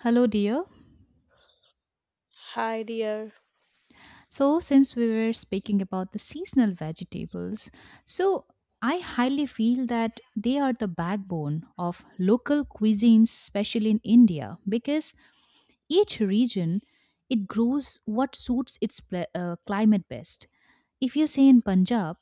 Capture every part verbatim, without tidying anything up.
Hello, dear. Hi dear. So, since we were speaking about the seasonal vegetables, so I highly feel that they are the backbone of local cuisines, especially in India, because each region it grows what suits its pla- uh, climate best. If you say in Punjab,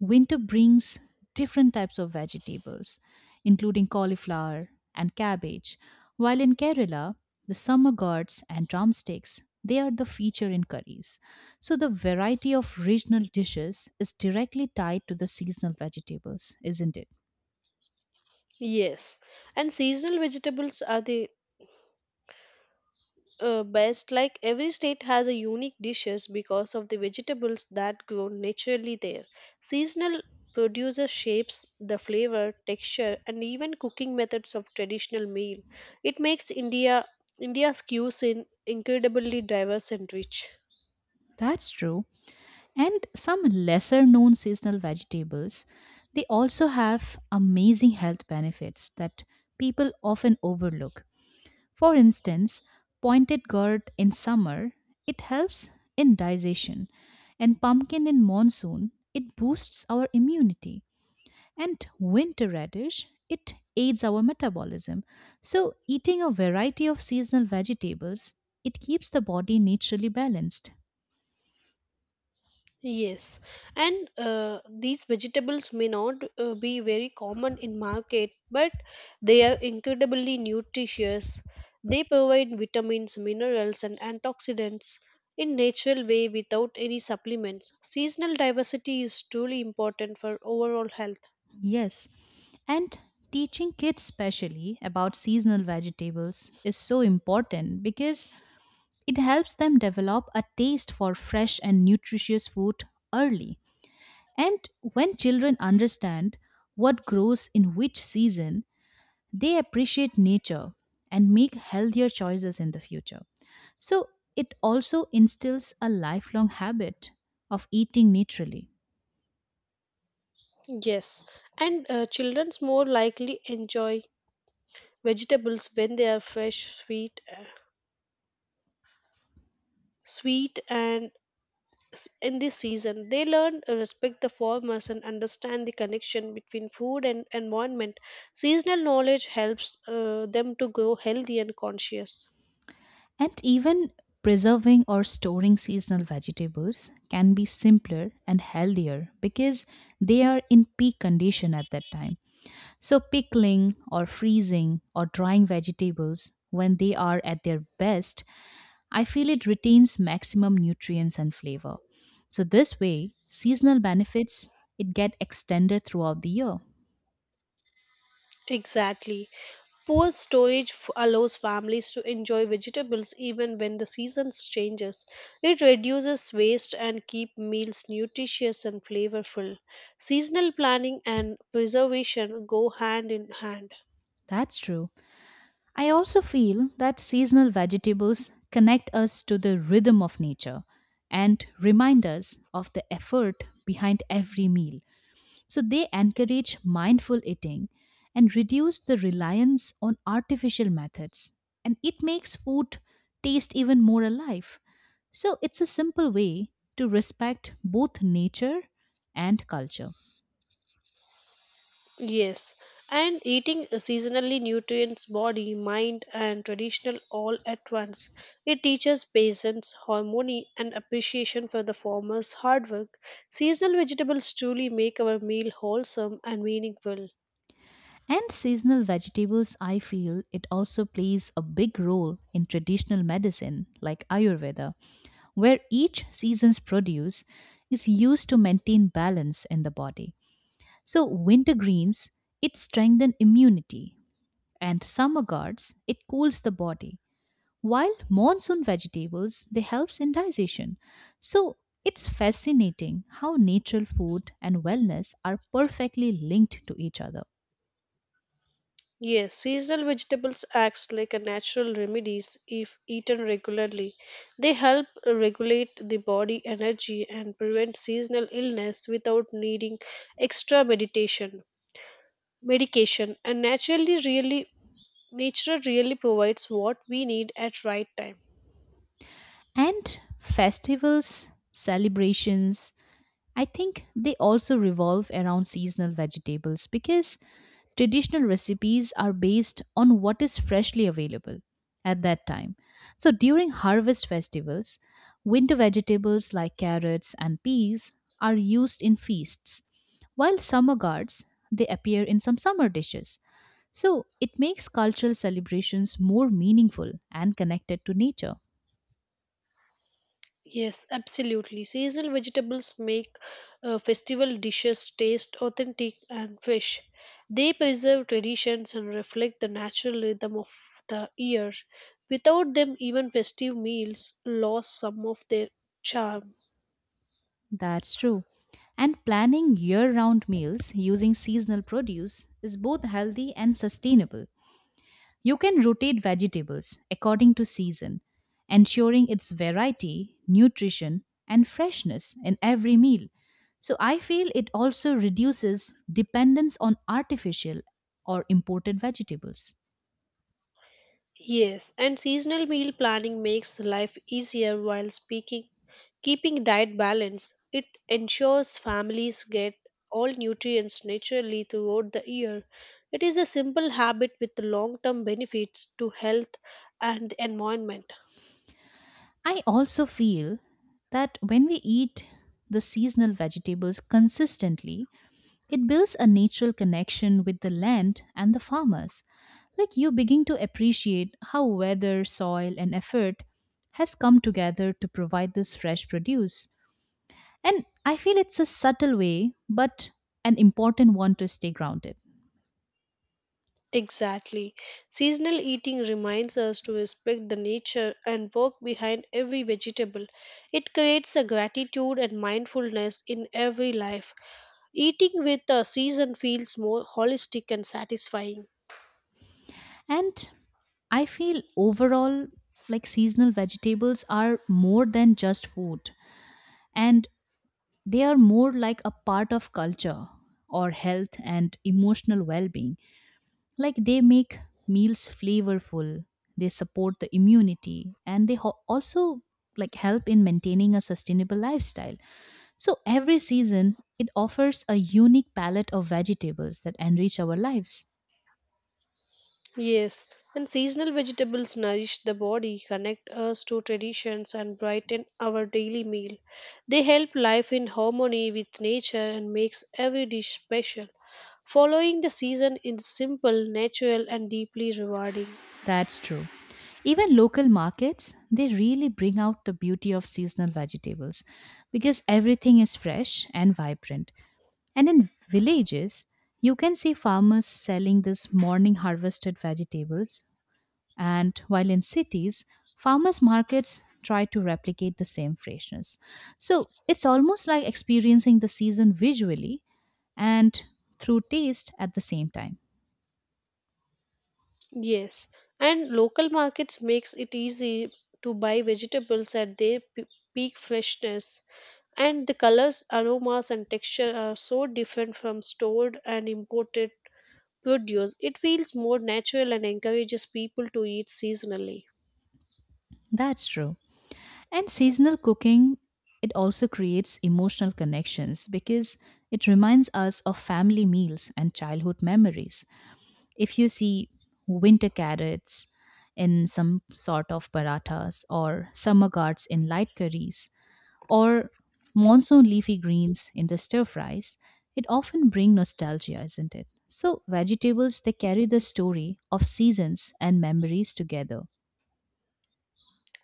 winter brings different types of vegetables, including cauliflower and cabbage, while in Kerala, the summer gourds and drumsticks, they are the feature in curries. So the variety of regional dishes is directly tied to the seasonal vegetables, isn't it? Yes, and seasonal vegetables are the uh, best. Like every state has a unique dishes because of the vegetables that grow naturally there. Seasonal produces shapes the flavor, texture, and even cooking methods of traditional meal. It makes India India's cuisine incredibly diverse and rich. That's true. And some lesser known seasonal vegetables, they also have amazing health benefits that people often overlook. For instance, pointed gourd in summer, it helps in digestion, and pumpkin in monsoon, it boosts our immunity, and winter radish, it aids our metabolism. So, eating a variety of seasonal vegetables, it keeps the body naturally balanced. Yes, and uh, these vegetables may not uh, be very common in market, but they are incredibly nutritious. They provide vitamins, minerals, and antioxidants in natural way without any supplements. Seasonal diversity is truly important for overall health. Yes, and teaching kids specially about seasonal vegetables is so important because it helps them develop a taste for fresh and nutritious food early. And when children understand what grows in which season, they appreciate nature and make healthier choices in the future. So it also instills a lifelong habit of eating naturally. Yes, and uh, children's more likely enjoy vegetables when they are fresh, sweet, uh, sweet and s- in this season. They learn to respect the farmers and understand the connection between food and environment. Seasonal knowledge helps uh, them to grow healthy and conscious. And even preserving or storing seasonal vegetables can be simpler and healthier because they are in peak condition at that time. So, pickling or freezing or drying vegetables when they are at their best, I feel it retains maximum nutrients and flavor. So, this way, seasonal benefits it get extended throughout the year. Exactly. Poor storage f- allows families to enjoy vegetables even when the seasons changes. It reduces waste and keep meals nutritious and flavorful. Seasonal planning and preservation go hand in hand. That's true. I also feel that seasonal vegetables connect us to the rhythm of nature and remind us of the effort behind every meal. So they encourage mindful eating and reduce the reliance on artificial methods. And it makes food taste even more alive. So it's a simple way to respect both nature and culture. Yes, and eating seasonally nutrients body, mind, and traditional all at once. It teaches patience, harmony, and appreciation for the farmer's hard work. Seasonal vegetables truly make our meal wholesome and meaningful. And seasonal vegetables, I feel it also plays a big role in traditional medicine like Ayurveda, where each season's produce is used to maintain balance in the body. So, winter greens, it strengthen immunity, and summer gods it cools the body, while monsoon vegetables they helps in digestion. So it's fascinating how natural food and wellness are perfectly linked to each other. Yes, seasonal vegetables acts like a natural remedies if eaten regularly. They help regulate the body energy and prevent seasonal illness without needing extra meditation. Medication and naturally really nature really provides what we need at right time. And festivals celebrations, I think they also revolve around seasonal vegetables because traditional recipes are based on what is freshly available at that time. So during harvest festivals, winter vegetables like carrots and peas are used in feasts, while summer gourds they appear in some summer dishes. So it makes cultural celebrations more meaningful and connected to nature. Yes, absolutely, seasonal vegetables make uh, festival dishes taste authentic and fresh. They preserve traditions and reflect the natural rhythm of the year. Without them, even festive meals lose some of their charm. That's true. And planning year round meals using seasonal produce is both healthy and sustainable. You can rotate vegetables according to season, ensuring its variety, nutrition, and freshness in every meal. So I feel it also reduces dependence on artificial or imported vegetables. Yes, and seasonal meal planning makes life easier while speaking, keeping diet balance. It ensures families get all nutrients naturally throughout the year. It is a simple habit with long term benefits to health and the environment. I also feel that when we eat the seasonal vegetables consistently, it builds a natural connection with the land and the farmers. Like you begin to appreciate how weather, soil, and effort has come together to provide this fresh produce. And I feel it's a subtle way, but an important one to stay grounded. Exactly. Seasonal eating reminds us to respect the nature and work behind every vegetable. It creates a gratitude and mindfulness in every life. Eating with a season feels more holistic and satisfying. And I feel overall, like seasonal vegetables are more than just food, and they are more like a part of culture or health and emotional well being. Like they make meals flavorful, they support the immunity, and they ho- also like help in maintaining a sustainable lifestyle. So every season it offers a unique palette of vegetables that enrich our lives. Yes, and seasonal vegetables nourish the body, connect us to traditions, and brighten our daily meal. They help life in harmony with nature and makes every dish special. Following the season is simple, natural, and deeply rewarding. That's true. Even local markets they really bring out the beauty of seasonal vegetables because everything is fresh and vibrant, and in villages you can see farmers selling this morning harvested vegetables. And while in cities, farmers markets try to replicate the same freshness. So it's almost like experiencing the season visually and through taste at the same time. Yes, and local markets makes it easy to buy vegetables at their pe- peak freshness. And the colors, aromas and texture are so different from stored and imported produce. It feels more natural and encourages people to eat seasonally. That's true. And seasonal cooking, it also creates emotional connections because it reminds us of family meals and childhood memories. If you see winter carrots in some sort of parathas or summer gourds in light curries, or monsoon leafy greens in the stir fries, it often bring nostalgia, isn't it? So vegetables they carry the story of seasons and memories together.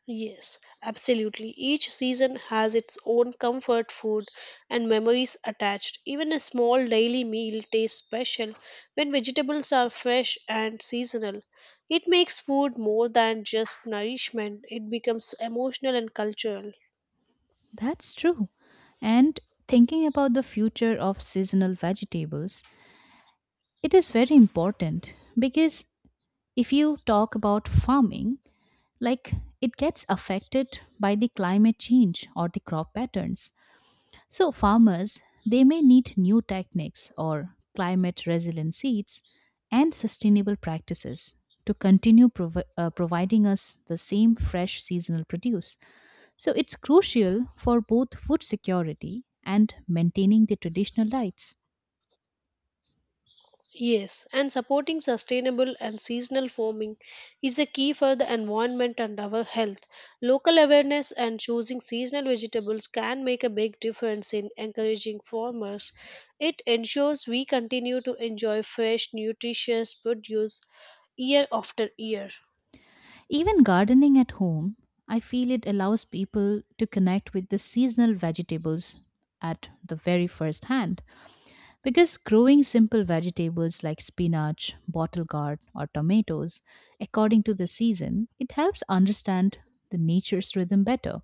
Yes, absolutely. Each season has its own comfort food and memories attached. Even a small daily meal tastes special when vegetables are fresh and seasonal. It makes food more than just nourishment, it becomes emotional and cultural. That's true. And thinking about the future of seasonal vegetables, it is very important because if you talk about farming, like it gets affected by the climate change or the crop patterns. So farmers, they may need new techniques or climate resilient seeds and sustainable practices to continue provi- uh, providing us the same fresh seasonal produce. So it's crucial for both food security and maintaining the traditional diets. Yes, and supporting sustainable and seasonal farming is a key for the environment and our health. Local awareness and choosing seasonal vegetables can make a big difference in encouraging farmers. It ensures we continue to enjoy fresh, nutritious produce year after year. Even gardening at home, I feel it allows people to connect with the seasonal vegetables at the very first hand. Because growing simple vegetables like spinach, bottle gourd, or tomatoes according to the season, it helps understand the nature's rhythm better.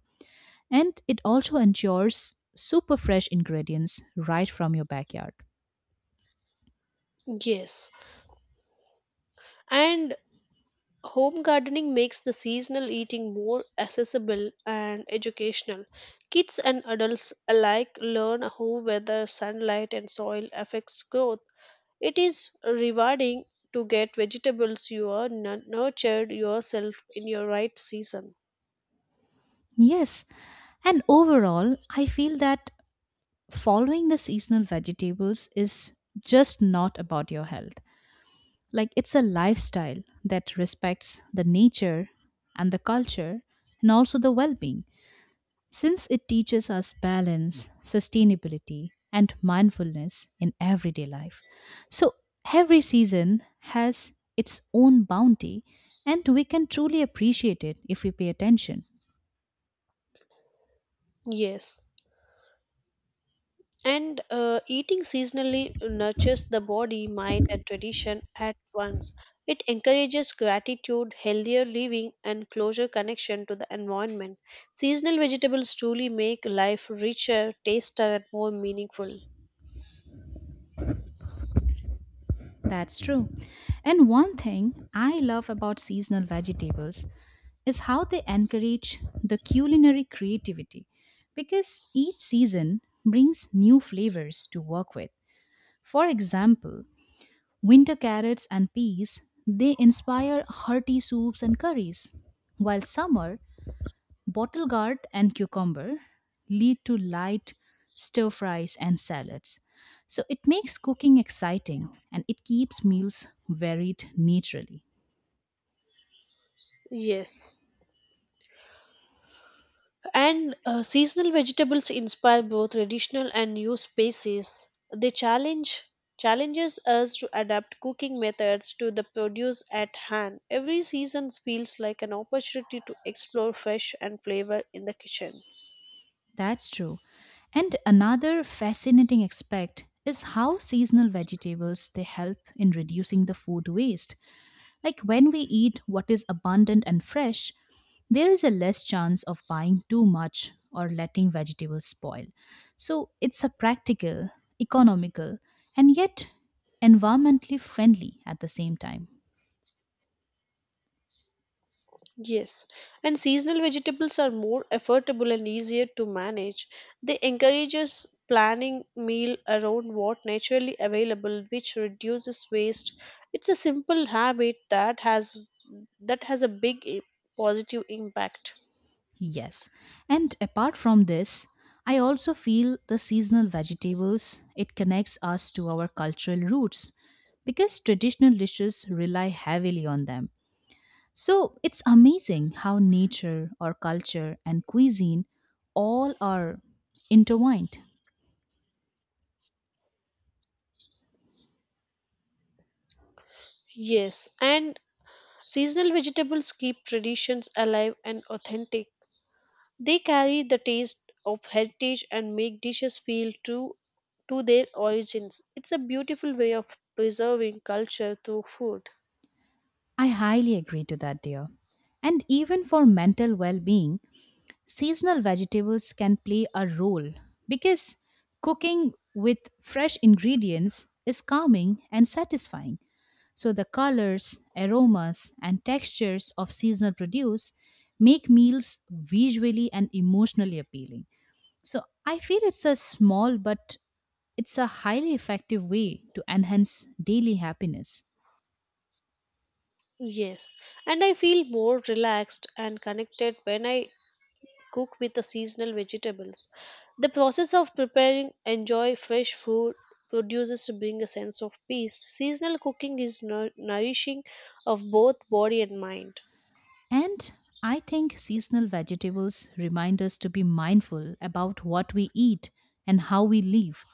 And it also ensures super fresh ingredients right from your backyard. Yes, and home gardening makes the seasonal eating more accessible and educational. Kids and adults alike learn how weather, sunlight, and soil affects growth. It is rewarding to get vegetables you are nu- nurtured yourself in your right season. Yes, and overall, I feel that following the seasonal vegetables is just not about your health. Like it's a lifestyle that respects the nature and the culture and also the well being. Since it teaches us balance, sustainability, and mindfulness in everyday life. So every season has its own bounty, and we can truly appreciate it if we pay attention. Yes. And uh, eating seasonally nurtures the body, mind, and tradition at once. It encourages gratitude, healthier living, and closer connection to the environment. Seasonal vegetables truly make life richer, tastier, and more meaningful. That's true. And one thing I love about seasonal vegetables is how they encourage the culinary creativity because each season brings new flavors to work with. For example, winter carrots and peas, they inspire hearty soups and curries, while summer, bottle gourd and cucumber lead to light stir fries and salads. So it makes cooking exciting and it keeps meals varied naturally. Yes. And uh, seasonal vegetables inspire both traditional and new species. They challenge challenges us to adapt cooking methods to the produce at hand. Every season feels like an opportunity to explore fresh and flavor in the kitchen. That's true. And another fascinating aspect is how seasonal vegetables they help in reducing the food waste. Like when we eat what is abundant and fresh, there is a less chance of buying too much or letting vegetables spoil. So it's a practical, economical, and yet environmentally friendly at the same time. Yes, and seasonal vegetables are more affordable and easier to manage. They encourage us planning meal around what naturally available, which reduces waste. It's a simple habit that has that has a big i- positive impact. Yes. And apart from this, I also feel the seasonal vegetables it connects us to our cultural roots because traditional dishes rely heavily on them. So it's amazing how nature or culture and cuisine all are intertwined. Yes, and seasonal vegetables keep traditions alive and authentic. They carry the taste of heritage and make dishes feel true to their origins. It's a beautiful way of preserving culture through food. I highly agree to that, dear. And even for mental well being, seasonal vegetables can play a role because cooking with fresh ingredients is calming and satisfying. So the colors, aromas, and textures of seasonal produce make meals visually and emotionally appealing. So I feel it's a small but it's a highly effective way to enhance daily happiness. Yes, and I feel more relaxed and connected when I cook with the seasonal vegetables. The process of preparing enjoy fresh food produces to bring a sense of peace. Seasonal cooking is nour- nourishing of both body and mind. And I think seasonal vegetables remind us to be mindful about what we eat and how we live.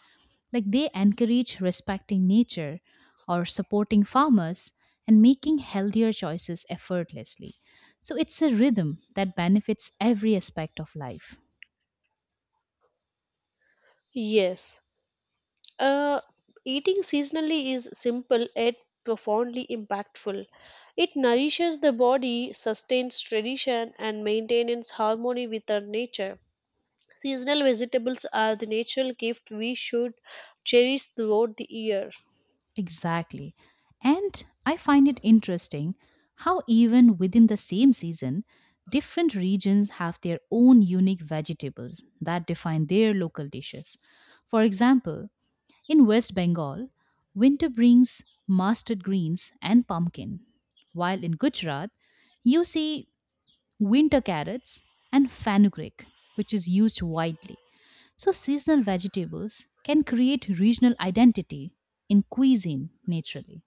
Like they encourage respecting nature or supporting farmers and making healthier choices effortlessly. So it's a rhythm that benefits every aspect of life. Yes, Uh, eating seasonally is simple yet profoundly impactful. It nourishes the body, sustains tradition, and maintains harmony with our nature. Seasonal vegetables are the natural gift we should cherish throughout the year. Exactly. And I find it interesting how, even within the same season, different regions have their own unique vegetables that define their local dishes. For example, in West Bengal, winter brings mustard greens and pumpkin, while in Gujarat, you see winter carrots and fenugreek, which is used widely. So, seasonal vegetables can create regional identity in cuisine naturally.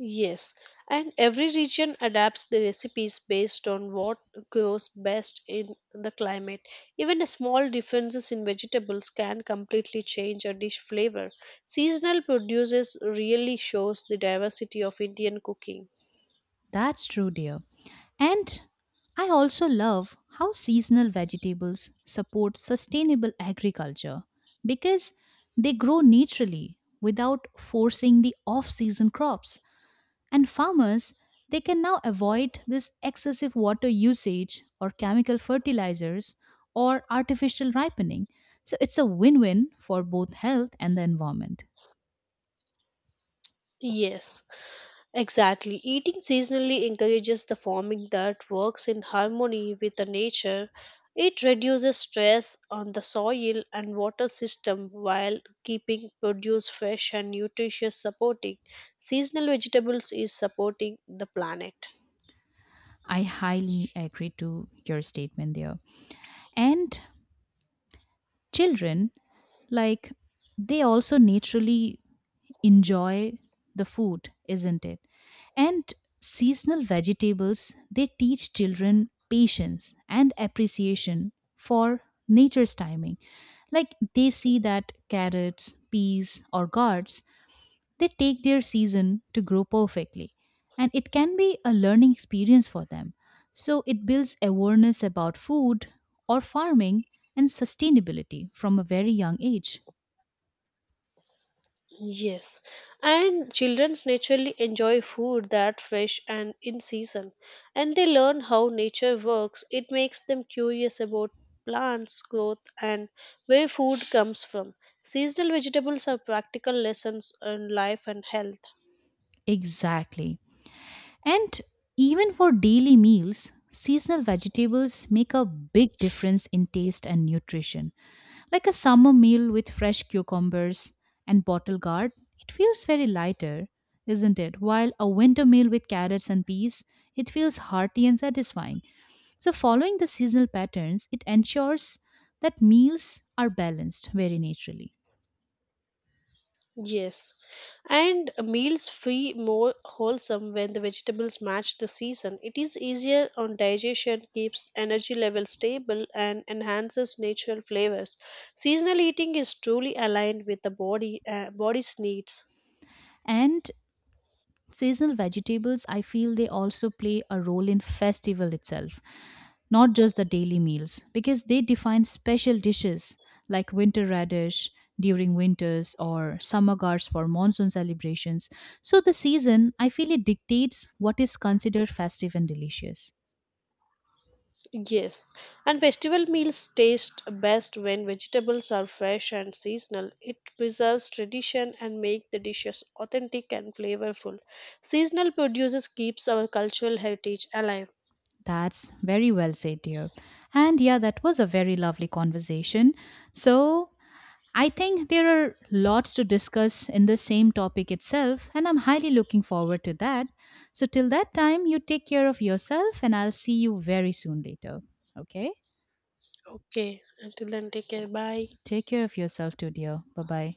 Yes, and every region adapts the recipes based on what grows best in the climate. Even a small differences in vegetables can completely change a dish flavor. Seasonal produces really shows the diversity of Indian cooking. That's true, dear. And I also love how seasonal vegetables support sustainable agriculture because they grow naturally without forcing the off season crops. And farmers, they can now avoid this excessive water usage or chemical fertilizers or artificial ripening. So it's a win win for both health and the environment. Yes. Exactly. Eating seasonally encourages the farming that works in harmony with the nature. It reduces stress on the soil and water system while keeping produce fresh and nutritious supporting. Seasonal vegetables is supporting the planet. I highly agree to your statement there. And children, like, they also naturally enjoy the food, isn't it? And seasonal vegetables, they teach children patience and appreciation for nature's timing. Like they see that carrots, peas, or gourds, they take their season to grow perfectly. And it can be a learning experience for them. So it builds awareness about food or farming and sustainability from a very young age. Yes, and childrens naturally enjoy food that fresh and in season, and they learn how nature works. It makes them curious about plants growth and where food comes from. Seasonal vegetables are practical lessons on life and health. Exactly. And even for daily meals, seasonal vegetables make a big difference in taste and nutrition. Like a summer meal with fresh cucumbers and bottle gourd, it feels very lighter, isn't it? While a winter meal with carrots and peas, it feels hearty and satisfying. So, following the seasonal patterns, it ensures that meals are balanced very naturally. Yes, and meals feel more wholesome when the vegetables match the season. It is easier on digestion, keeps energy level stable, and enhances natural flavors. Seasonal eating is truly aligned with the body uh, body's needs. And seasonal vegetables, I feel they also play a role in festival itself, not just the daily meals, because they define special dishes like winter radish during winters or summer gourds for monsoon celebrations. So the season, I feel it dictates what is considered festive and delicious. Yes, and festival meals taste best when vegetables are fresh and seasonal. It preserves tradition and make the dishes authentic and flavorful. Seasonal produces keeps our cultural heritage alive. That's very well said, dear. And yeah, that was a very lovely conversation. So I think there are lots to discuss in the same topic itself, and I'm highly looking forward to that. So, till that time, you take care of yourself, and I'll see you very soon later. Okay? Okay. Until then, take care. Bye. Take care of yourself too, dear. Bye bye.